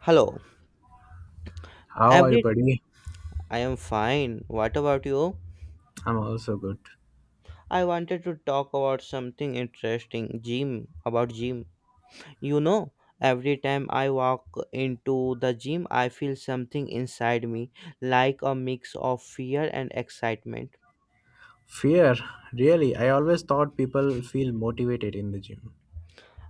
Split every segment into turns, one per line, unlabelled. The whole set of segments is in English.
Hello,
How are you,
every
buddy?
I am fine. What about you?
I'm also good.
I wanted to talk about something interesting, gym, about gym. You know, every time I walk into the gym, I feel something inside me, like a mix of fear and excitement.
Fear, really? I always thought people feel motivated in the gym.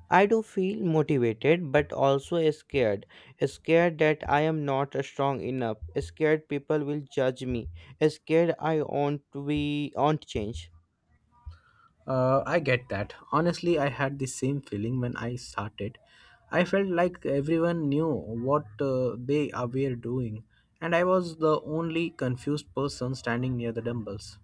I do feel motivated but also scared. Scared that I am not strong enough. Scared people will judge me. Scared I won't change.
I get that. Honestly, I had the same feeling when I started. I felt like everyone knew what they are were doing, and I was the only confused person standing near the dumbbells.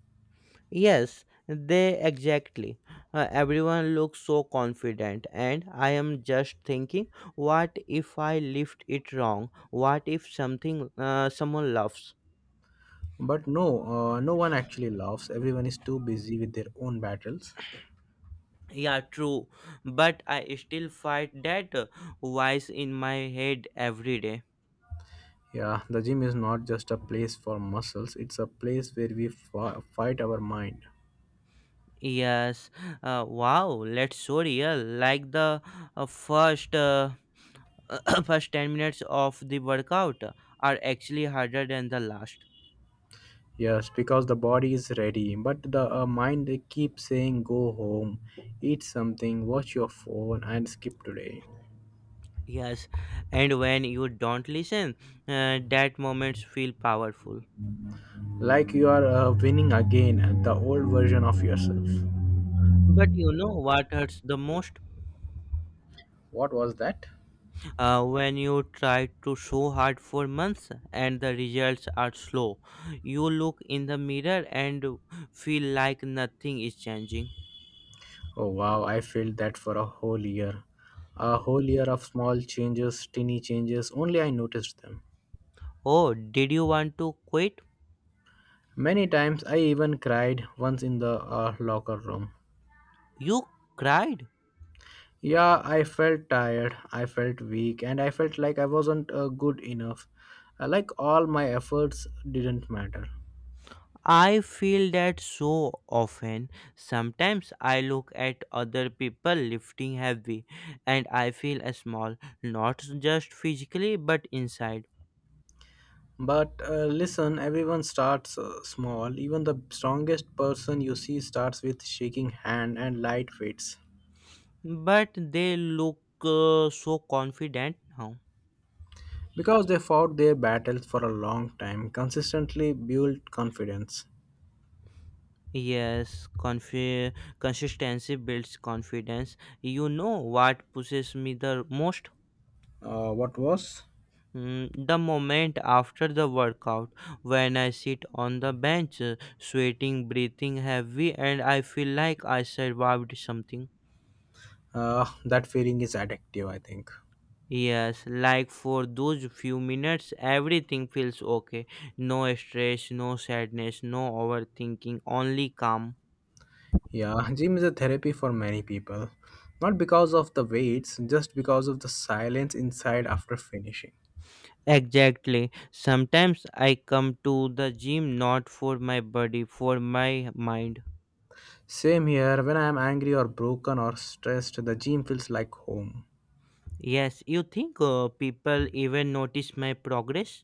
Yes, they exactly. Everyone looks so confident, and I am just thinking, what if I lift it wrong? What if someone laughs?
But no, no one actually laughs. Everyone is too busy with their own battles.
Yeah, true. But I still fight that voice in my head every day.
Yeah, the gym is not just a place for muscles, it's a place where we fight our mind.
Yes. Wow. Let's so real. Like uh, first, uh, first 10 minutes of the workout are actually harder than the last.
Yes, because the body is ready, but the mind they keep saying, "Go home, eat something, watch your phone, and skip today."
Yes, and when you don't listen, that moments feel powerful.
Like you are winning again at the old version of yourself.
But you know what hurts the most?
What was that?
When you try to so hard for months and the results are slow. You look in the mirror and feel like nothing is changing.
Oh wow, I felt that for a whole year. A whole year of small changes, tiny changes, only I noticed them.
Oh, did you want to quit?
Many times I even cried once in the locker room.
You cried.
Yeah, I felt tired, I felt weak, and I felt like I wasn't good enough. Like all my efforts didn't matter.
I feel that so often. Sometimes I look at other people lifting heavy and I feel small, not just physically but inside.
But listen, everyone starts small. Even the strongest person you see starts with shaking hand and light weights.
But they look so confident now.
Because they fought their battles for a long time, consistently built confidence.
Yes, consistency builds confidence. You know what pushes me the most?
What was?
The moment after the workout, when I sit on the bench, sweating, breathing heavy, and I feel like I survived something.
That feeling is addictive, I think.
Yes, like for those few minutes, everything feels okay. No stress, no sadness, no overthinking, only calm.
Yeah, gym is a therapy for many people. Not because of the weights, just because of the silence inside after finishing.
Exactly. Sometimes I come to the gym not for my body, for my mind.
Same here, when I am angry or broken or stressed, the gym feels like home.
Yes, you think people even notice my progress?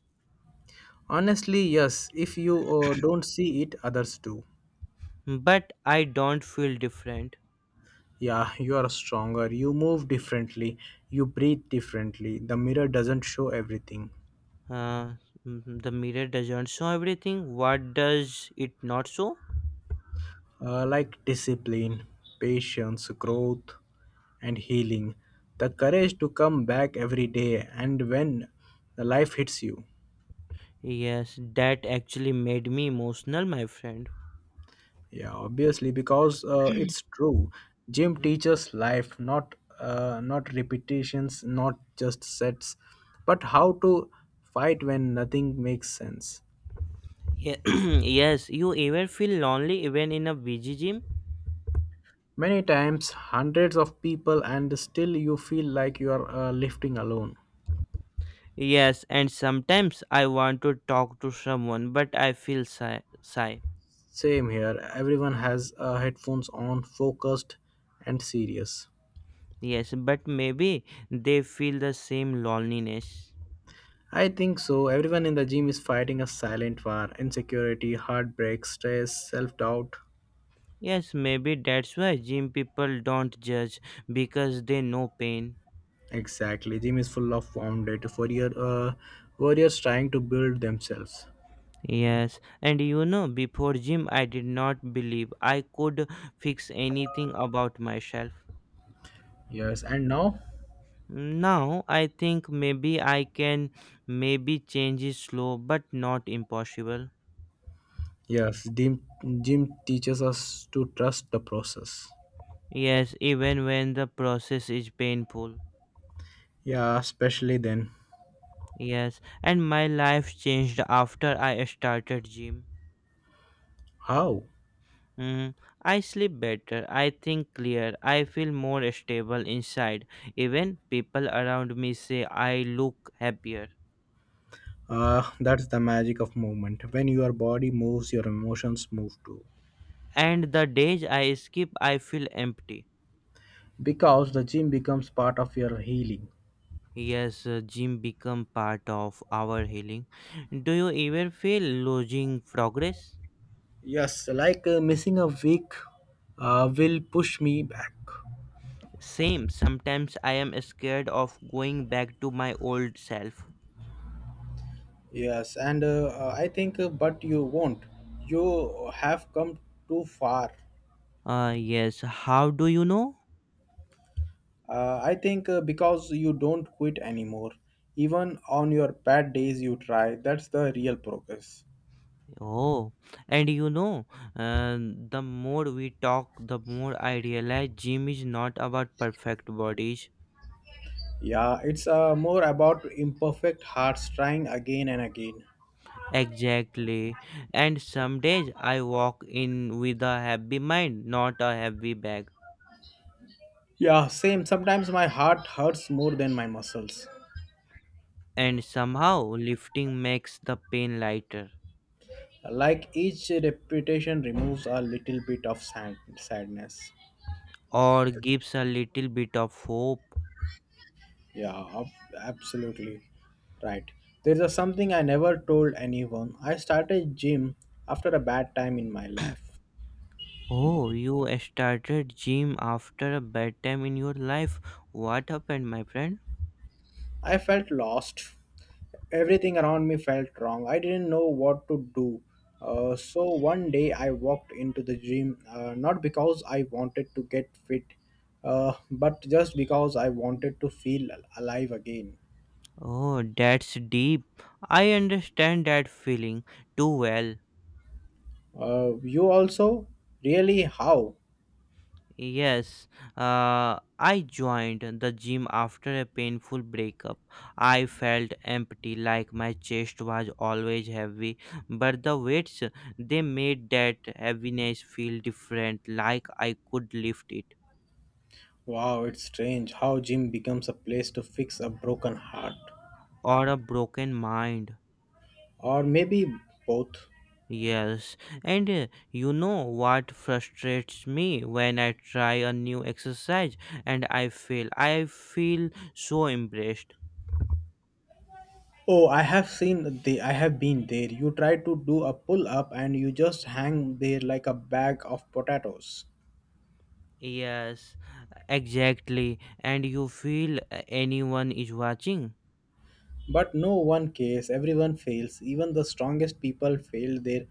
Honestly, yes, if you don't see it, others do.
But I don't feel different.
Yeah, you are stronger, you move differently, you breathe differently. The mirror doesn't show everything.
Uh, the mirror doesn't show everything. What does it not show?
Like discipline, patience, growth, and healing. The courage to come back every day and when the life hits you.
Yes, that actually made me emotional, my friend.
Yeah, obviously, because it's true. Gym
Mm.
teaches life, not repetitions, not just sets, but how to fight when nothing makes sense.
Ye- yes, you ever feel lonely even in a busy gym?
Many times, hundreds of people, and still you feel like you are lifting alone.
Yes, and sometimes I want to talk to someone, but I feel shy.
Same here. Everyone has headphones on, focused and serious.
Yes, but maybe they feel the same loneliness.
I think so. Everyone in the gym is fighting a silent war insecurity, heartbreak, stress, self doubt.
Yes, maybe that's why gym people don't judge because they know pain.
Exactly. Gym is full of wounded warriors trying to build themselves.
Yes, and before gym, I did not believe I could fix anything about myself.
Yes. And now?
Now I think maybe I can maybe change is slow but not impossible.
Yes. Gym teaches us to trust the process.
Yes, even when the process is painful.
Yeah, especially then.
Yes, and my life changed after I started gym.
How?
Mm, I sleep better, I think clear, I feel more stable inside. Even people around me say I look happier.
That's the magic of movement. When your body moves, your emotions move too.
And the days I skip, I feel empty.
Because the gym becomes part of your healing.
Yes, gym become part of our healing. Do you ever feel losing progress?
Yes, like missing a week will push me back.
Same. Sometimes I am scared of going back to my old self.
Yes, and but you won't. You have come too far.
Yes. How do you know?
I think Because you don't quit anymore. Even on your bad days, you try. That's the real progress.
Oh, and uh, the more we talk, the more I realize gym is not about perfect bodies.
Yeah, it's more about imperfect hearts trying again and again.
Exactly. And some days I walk in with a heavy mind, not a heavy bag.
Yeah, same. Sometimes my heart hurts more than my muscles.
And somehow lifting makes the pain lighter
Like each repetition removes a little bit of sadness.
or gives a little bit of hope.
Yeah, absolutely right. There's a something I never told anyone. I started gym after a bad time in my life.
Oh, you started gym after a bad time in your life. What happened, my friend?
I felt lost. Everything around me felt wrong. I didn't know what to do. So one day I walked into the gym, not because I wanted to get fit, but just because I wanted to feel alive again.
Oh, that's deep. I understand that feeling too well.
You also? Really? How?
Yes, I joined the gym after a painful breakup. I felt empty, like my chest was always heavy, but the weights they made that heaviness feel different, like I could lift it.
Wow, it's strange how gym becomes a place to fix a broken heart.
Or a broken mind.
Or maybe both.
Yes, and you know what frustrates me when I try a new exercise and I fail. I feel so embarrassed.
Oh, I have been there. You try to do a pull up and you just hang there like a bag of potatoes.
Yes, exactly. And you feel anyone is watching.
But no one cares. Everyone fails. Even the strongest people fail their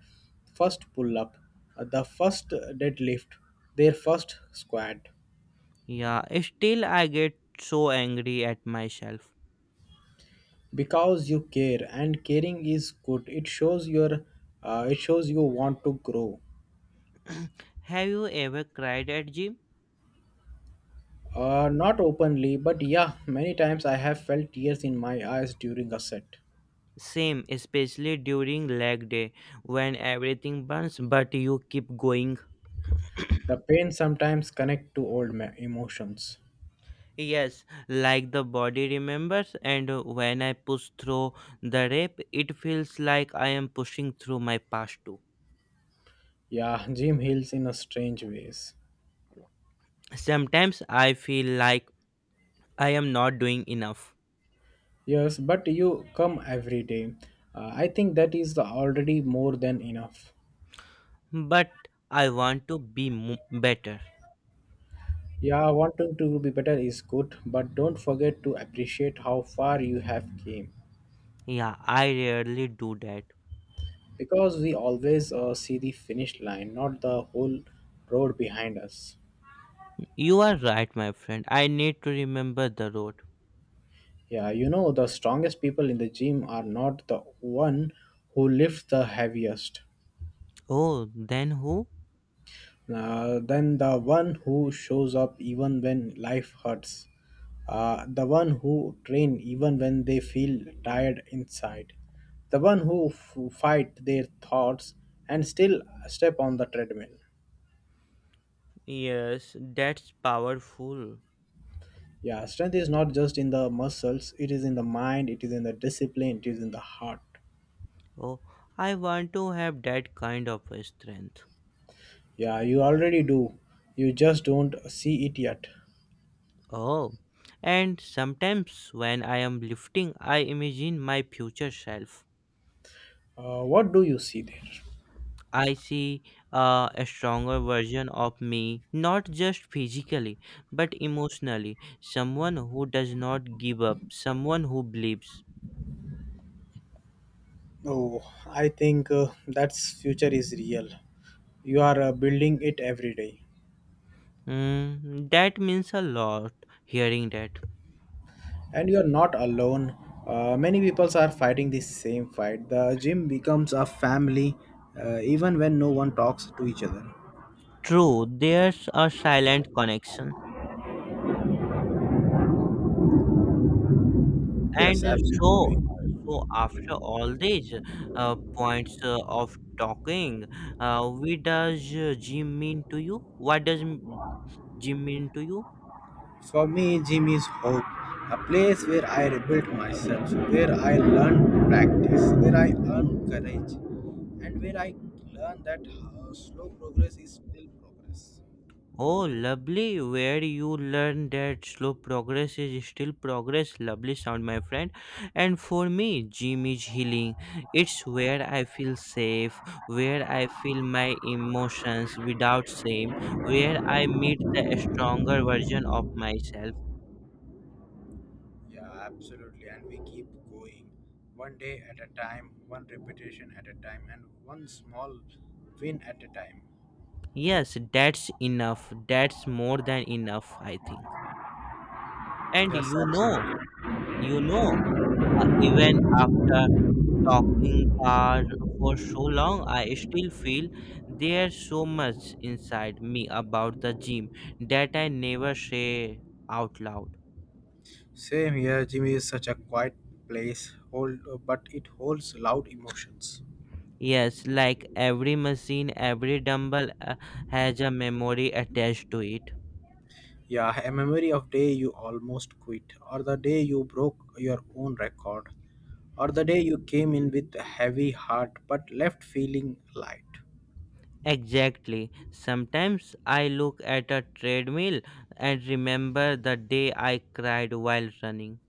first pull up, the first deadlift, their first squat.
Yeah, still I get so angry at myself.
Because you care, and caring is good. It shows your it shows you want to grow.
Have you ever cried at gym?
Not openly, but yeah, many times I have felt tears in my eyes during a set.
Same, especially during leg day when everything burns but you keep going.
The pain sometimes connect to old emotions.
Yes, like the body remembers and when I push through the rep, it feels like I am pushing through my past too.
Yeah, gym heals in a strange ways.
Sometimes I feel like I am not doing enough.
Yes, but you come every day. I think that is already more than enough.
But I want to be better.
Yeah, wanting to be better is good, but don't forget to appreciate how far you have came,
Yeah, I rarely do that.
because we always see the finish line, not the whole road behind us.
You are right, my friend. I need to remember the road.
Yeah, you know, the strongest people in the gym are not the one who lifts the heaviest,
Oh, then who?
then the one who shows up even when life hurts, the one who train even when they feel tired inside, the one who fight their thoughts and still step on the treadmill.
Yes, that's powerful.
Yeah, strength is not just in the muscles, it is in the mind, it is in the discipline, it is in the heart.
Oh, I want to have that kind of a strength.
Yeah, you already do. You just don't see it yet.
Oh, and sometimes when I am lifting, I imagine my future self.
What do you see there?
I see a stronger version of me, not just physically, but emotionally. Someone who does not give up, someone who believes.
Oh, I think that's future is real. You are building it every day,
That means a lot hearing that.
and you are not alone. Many people are fighting the same fight. The gym becomes a family, even when no one talks to each other.
True, there's a silent connection.
Yes,
And so,
absolutely.
so after all these points of talking, what does gym mean to you? What does gym mean to you?
For me, gym is hope, a place where I rebuild myself, where I learn practice, where I earn courage, and where I learn that slow progress is still progress.
Oh, lovely, where you learn that slow progress is still progress. Lovely sound, my friend. And for me, gym is healing. It's where I feel safe, where I feel my emotions without shame, where I meet the stronger version of myself.
Yeah, absolutely. And we keep going one day at a time, one repetition at a time, and one small win at a time.
Yes, that's enough. That's more than enough, I think. And
Yes, absolutely.
you know, even after talking for so long, I still feel there's so much inside me about the gym that I never say out loud.
Same here, Jimmy is such a quiet place, hold, but it holds loud emotions.
Yes, like every machine, every dumbbell has a memory attached to it.
Yeah, a memory of day you almost quit, or the day you broke your own record, or the day you came in with a heavy heart but left feeling light.
Exactly. Sometimes I look at a treadmill and remember the day I cried while running.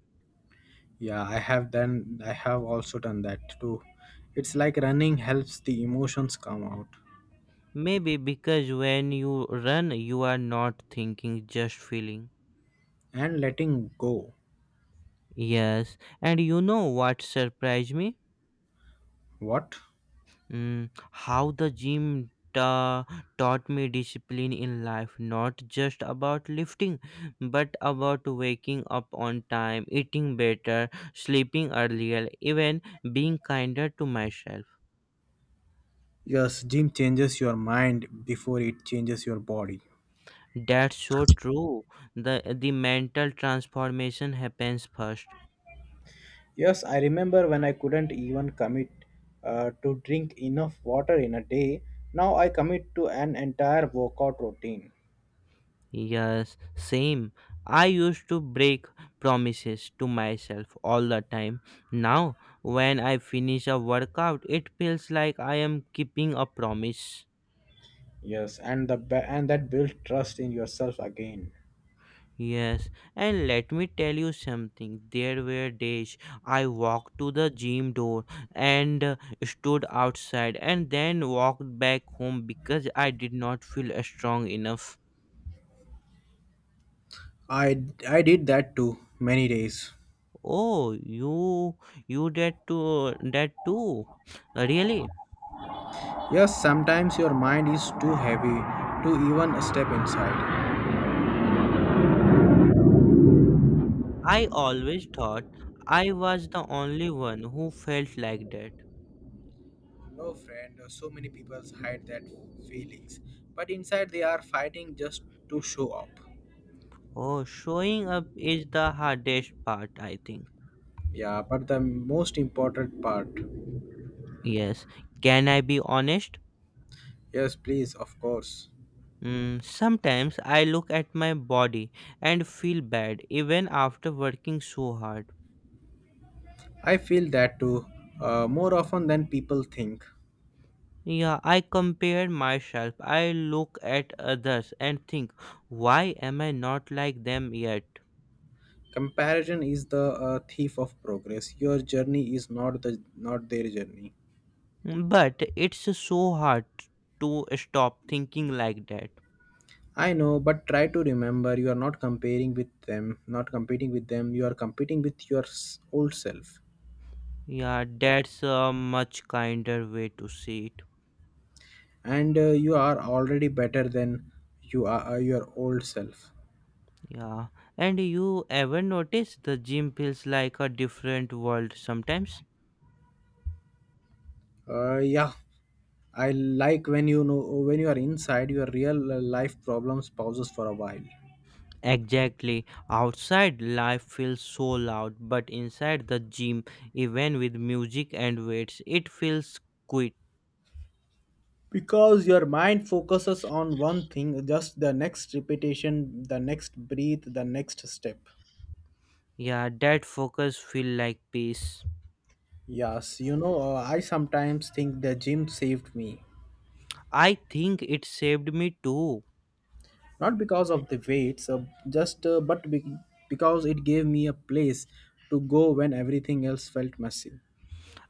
Yeah, I have also done that too. It's like running helps the emotions come out
Maybe because when you run, you are not thinking, just feeling.
and letting go.
Yes, and you know what surprised me?
What?
How the gym taught me discipline in life, not just about lifting, but about waking up on time, eating better, sleeping earlier, even being kinder to myself.
Yes, gym changes your mind before it changes your body.
That's so true. The mental transformation happens first.
Yes, I remember when I couldn't even commit to drink enough water in a day. Now I commit to an entire workout routine.
Yes, same. I used to break promises to myself all the time. Now, when I finish a workout, it feels like I am keeping a promise.
Yes, and and that builds trust in yourself again.
Yes, and let me tell you something. There were days I walked to the gym door and stood outside and then walked back home because I did not feel strong enough.
I did that too many days.
Oh, you did too that too. Really?
Yes, sometimes your mind is too heavy to even step inside.
I always thought I was the only one who felt like that.
No friend, so many people hide that feelings, but inside they are fighting just to show up.
Oh, showing up is the hardest part, I think.
Yeah, but the most important part.
Yes. Can I be honest?
Yes, please, of course.
Sometimes I look at my body and feel bad even after working so hard.
I feel that too, more often than people think.
Yeah, I compare myself. I look at others and think, why am I not like them yet?
Comparison is the thief of progress. Your journey is not their journey.
But it's so hard to stop thinking like that.
I know, but try to remember you are not comparing with them, not competing with them. You are competing with your old self,
Yeah, that's a much kinder way to see it.
and you are already better than your old self.
Yeah. And you ever notice the gym feels like a different world sometimes?
Yeah, I like when you know when you are inside your real life problems pauses for a while.
Exactly. Outside, life feels so loud, but inside the gym, even with music and weights, it feels quiet.
Because your mind focuses on one thing, just the next repetition, the next breath, the next step.
Yeah, that focus feel like peace.
Yes, you know, I sometimes think the gym saved me,
I think it saved me too.
not because of the weights, because it gave me a place to go when everything else felt messy.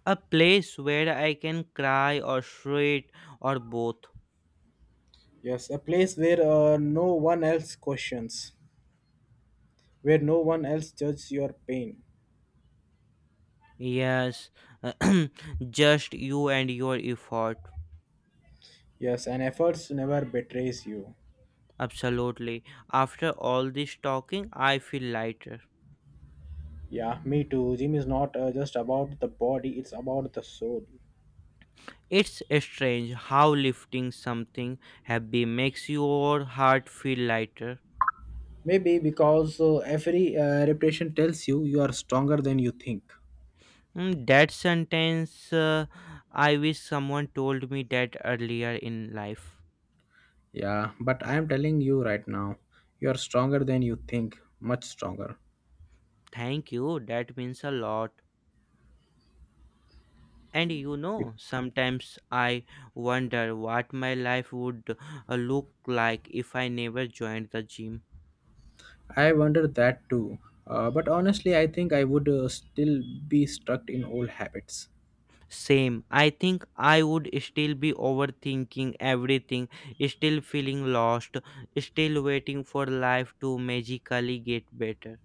A place where I can cry or sweat or both.
Yes, a place where no one else questions, where no one else judges your pain.
Yes, just you and your effort.
Yes, and efforts never betrays you.
Absolutely. After all this talking, I feel lighter.
Yeah, me too. Gym is not just about the body, it's about the soul.
It's strange how lifting something heavy makes your heart feel lighter.
Maybe because every repetition tells you you are stronger than you think.
That sentence, I wish someone told me that earlier in life.
Yeah, but I am telling you right now, you are stronger than you think, much stronger.
Thank you, that means a lot. And
It-
sometimes I wonder what my life would look like if I never joined the gym.
I wondered that too. But honestly, I think I would still be stuck in old habits.
Same. I think I would still be overthinking everything, still feeling lost, still waiting for life to magically get better.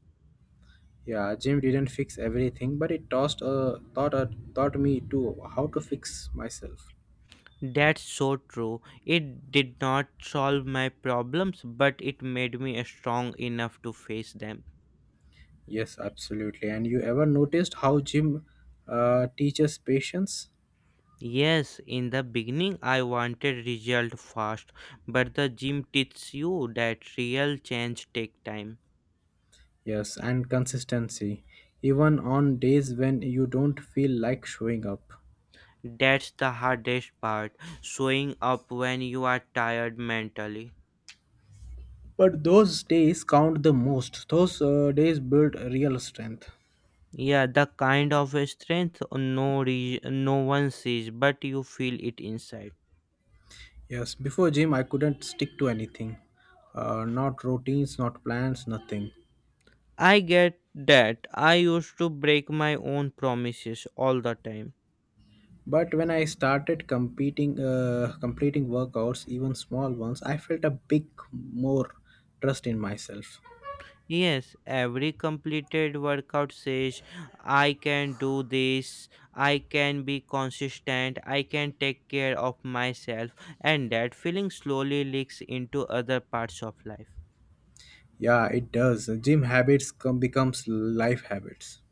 Yeah, gym didn't fix everything, but it tossed taught taught me to how to fix myself.
That's so true. It did not solve my problems, but it made me strong enough to face them.
Yes, absolutely. And you ever noticed how gym teaches patience?
Yes, in the beginning I wanted result fast, but the gym teaches you that real change take time.
Yes, and consistency, even on days when you don't feel like showing up.
That's the hardest part, showing up when you are tired mentally.
But those days count the most. Those days build real strength.
Yeah, the kind of strength no one sees, but you feel it inside.
Yes, before gym, I couldn't stick to anything. Not routines, not plans, nothing.
I get that. I used to break my own promises all the time.
But when I started completing workouts, even small ones, I felt a big more trust in myself.
Yes, every completed workout says, I can do this, I can be consistent, I can take care of myself, and that feeling slowly leaks into other parts of life.
Yeah, it does. Gym habits come becomes life habits.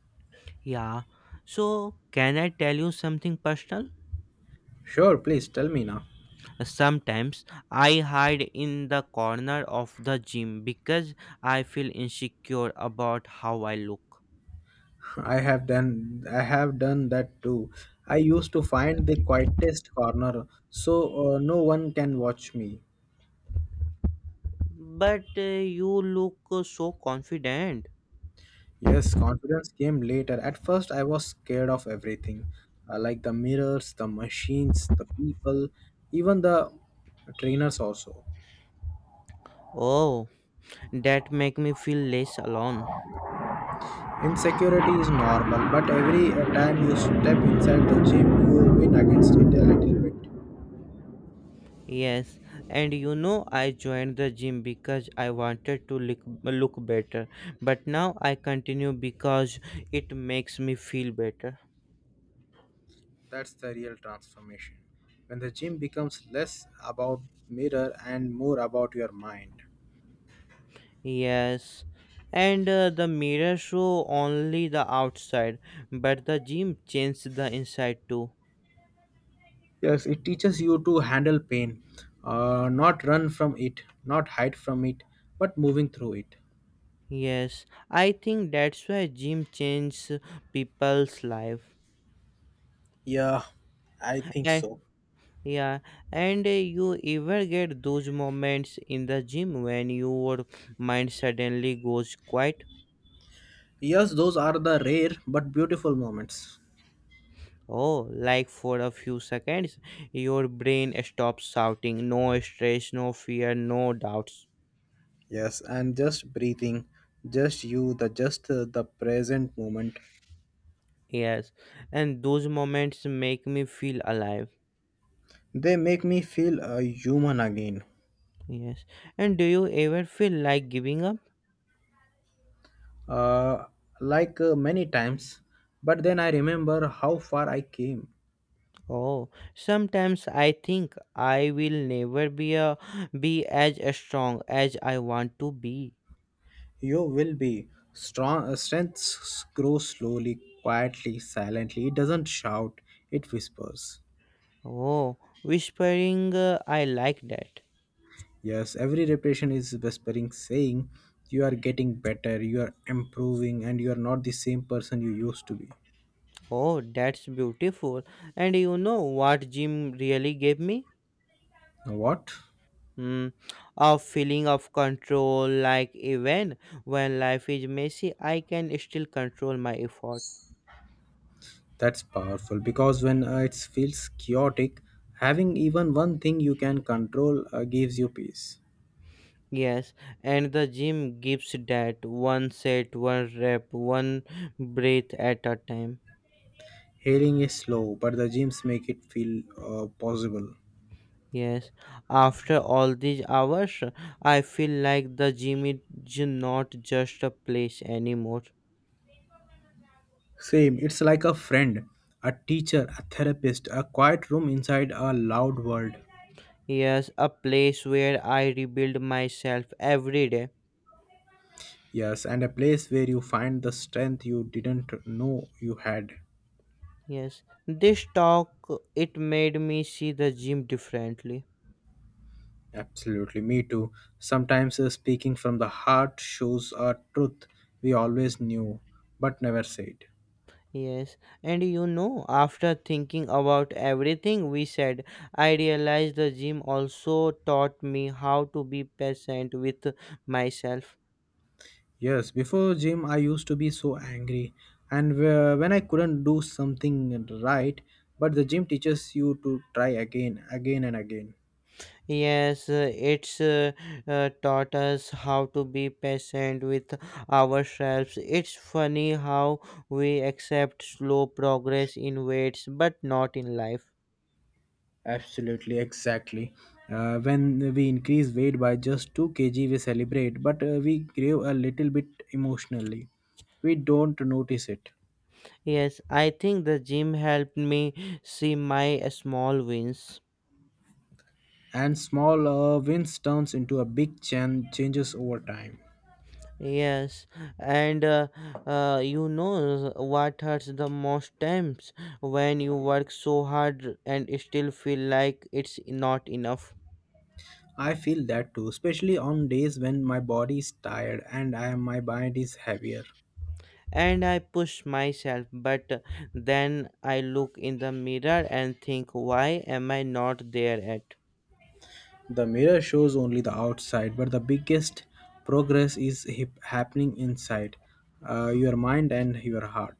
Yeah. So, can I tell you something personal?
Sure, please tell me now.
Sometimes I hide in the corner of the gym because I feel insecure about how I look.
I have done that too. I used to find the quietest corner so no one can watch me.
But you look so confident.
Yes, confidence came later. At first I was scared of everything. Like the mirrors, the machines, the people, even the trainers also.
Oh, that make me feel less alone.
Insecurity is normal, but every time you step inside the gym, you win against it a little bit.
Yes, and you know I joined the gym because I wanted to look better, but now I continue because it makes me feel better.
That's the real transformation. When the gym becomes less about mirror and more about your mind.
Yes, and the mirror show only the outside, but the gym changed the inside too.
Yes, it teaches you to handle pain, not run from it, not hide from it, but moving through it.
Yes, I think that's why gym changes people's life.
Yeah, I think
And
so.
yeah, and you ever get those moments in the gym when your mind suddenly goes quiet?
Yes, those are the rare but beautiful moments.
Oh, like for a few seconds, your brain stops shouting, no stress, no fear, no doubts.
Yes, and just breathing, just you, the present moment.
Yes, and those moments make me feel alive.
They make me feel human again.
Yes. And do you ever feel like giving up?
uh, Many times, but then I remember how far I came.
Oh, sometimes I think I will never be as strong as I want to be.
You will be strong. Strengths grow slowly, quietly, silently. It doesn't shout; it whispers.
Oh, whispering, I like that.
Yes, every repetition is whispering, saying you are getting better, you are improving, and you are not the same person you used to be.
Oh, that's beautiful. And you know what Jim really gave me?
Now what?
Hmm, a feeling of control. Like even when life is messy, I can still control my effort.
That's powerful because when it feels chaotic, having even one thing you can control gives you peace.
Yes, and the gym gives that one set, one rep, one breath at a time.
Healing is slow, but the gyms make it feel possible.
Yes, after all these hours, I feel like the gym is not just a place anymore.
Same, it's like a friend, a teacher, a therapist, a quiet room inside a loud world.
Yes, a place where I rebuild myself every day.
Yes, and a place where you find the strength you didn't know you had.
Yes, this talk it made me see the gym differently.
Absolutely, me too. Sometimes speaking from the heart shows a truth we always knew but never said.
Yes, and after thinking about everything we said, I realized the gym also taught me how to be patient with myself.
Yes, before gym, I used to be so angry, and when I couldn't do something right, but the gym teaches you to try again, again, and again.
Yes, it's taught us how to be patient with ourselves. It's funny how we accept slow progress in weights but not in life.
Absolutely, exactly. When we increase weight by just 2 kg, we celebrate, but we grieve a little bit emotionally. We don't notice it.
Yes, I think the gym helped me see my small wins.
And small wins turns into a changes over time.
Yes, and you know what hurts the most times when you work so hard and still feel like it's not enough.
I feel that too, especially on days when my body is tired and my mind is heavier.
And I push myself, but then I look in the mirror and think, why am I not there at?
The mirror shows only the outside, but the biggest progress is happening inside your mind and your heart.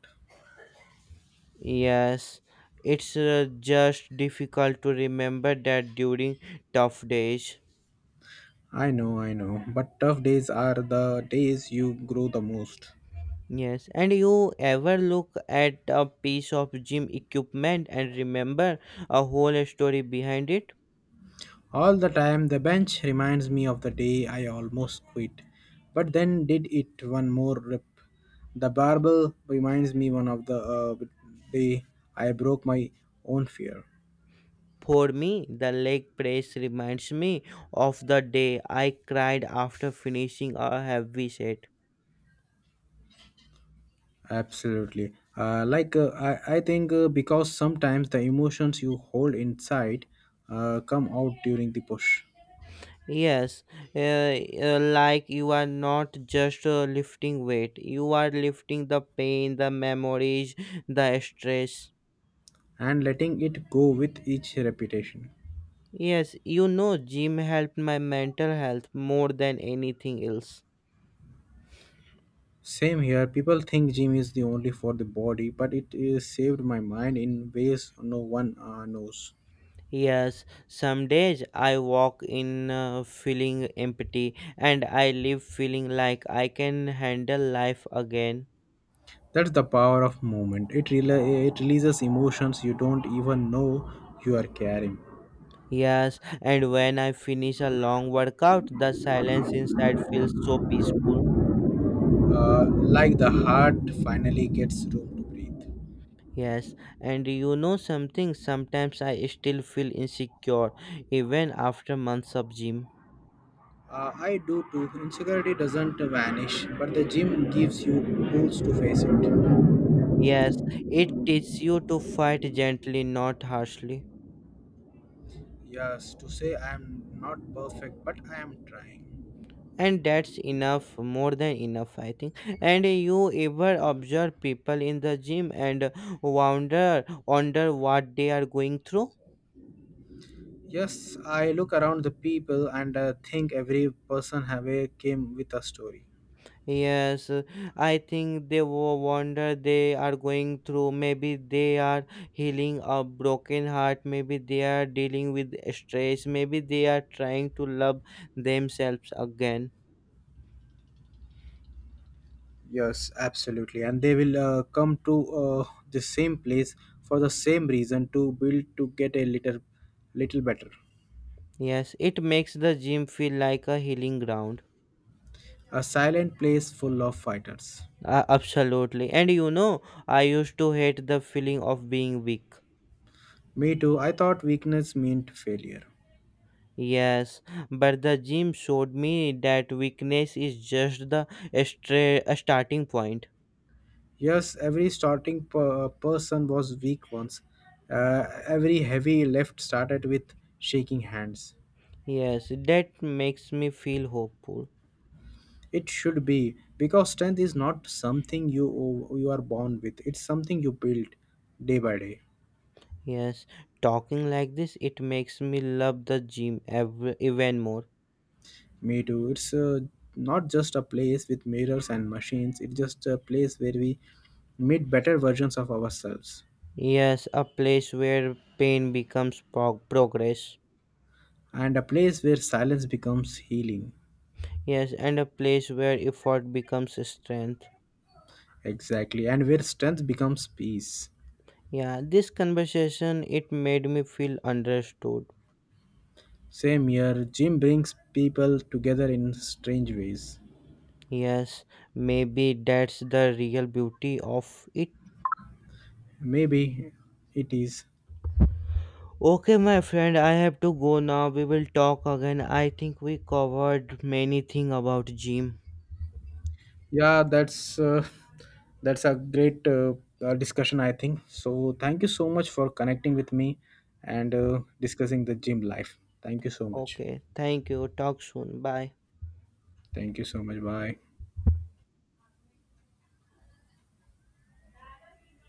Yes, it's just difficult to remember that during tough days.
I know, but tough days are the days you grow the most.
Yes, and you ever look at a piece of gym equipment and remember a whole story behind it?
All the time, the bench reminds me of the day I almost quit, but then did it one more rip. The barbell reminds me one of the day I broke my own fear.
For me, the leg press reminds me of the day I cried after finishing a heavy set.
Absolutely. Like I think Because sometimes the emotions you hold inside come out during the push
Yes, like you are not just lifting weight, you are lifting the pain, the memories, the stress.
and letting it go with each repetition.
Yes, gym helped my mental health more than anything else.
Same here. People think gym is the only for the body, but it is saved my mind in ways no one knows.
Yes, some days I walk in feeling empty and I leave feeling like I can handle life again.
That's the power of movement. It it releases emotions you don't even know you are carrying.
Yes, and when I finish a long workout, the silence inside feels so peaceful.
Like the heart finally gets room to breathe.
Yes, and you know something, sometimes I still feel insecure even after months of gym.
I do too. Insecurity doesn't vanish, but the gym gives you tools to face it.
Yes, it teaches you to fight gently, not harshly.
Yes, to say I am not perfect, but I am trying.
And that's enough, more than enough, I think. And you ever observe people in the gym and wonder what they are going through?
Yes, I look around the people and think every person have a came with a story.
Yes, I think they wonder they are going through. Maybe they are healing a broken heart. Maybe they are dealing with stress. Maybe they are trying to love themselves again.
Yes, absolutely, and they will come to the same place for the same reason to build to get a little, little better.
Yes, it makes the gym feel like a healing ground.
A silent place full of fighters.
Absolutely. And I used to hate the feeling of being weak.
Me too. I thought weakness meant failure.
Yes, but the gym showed me that weakness is just the a starting point.
Yes, every starting person was weak once. Every heavy lift started with shaking hands.
Yes, that makes me feel hopeful.
It should be because strength is not something you are born with. It's something you build day by day.
Yes, talking like this, it makes me love the gym even more.
Me too. It's not just a place with mirrors and machines. It's just a place where we meet better versions of ourselves,
Yes, a place where pain becomes progress.
and a place where silence becomes healing.
Yes, and a place where effort becomes strength.
Exactly, and where strength becomes peace.
Yeah, this conversation it made me feel understood.
Same here, gym brings people together in strange ways.
Yes, maybe that's the real beauty of it.
Maybe it is.
Okay, my friend, I have to go now. We will talk again. I think we covered many thing about gym.
Yeah, that's that's a great discussion, I think. So thank you so much for connecting with me and discussing the gym life. Thank you so much.
Okay, thank you. Talk soon. Bye.
Thank you so much. Bye.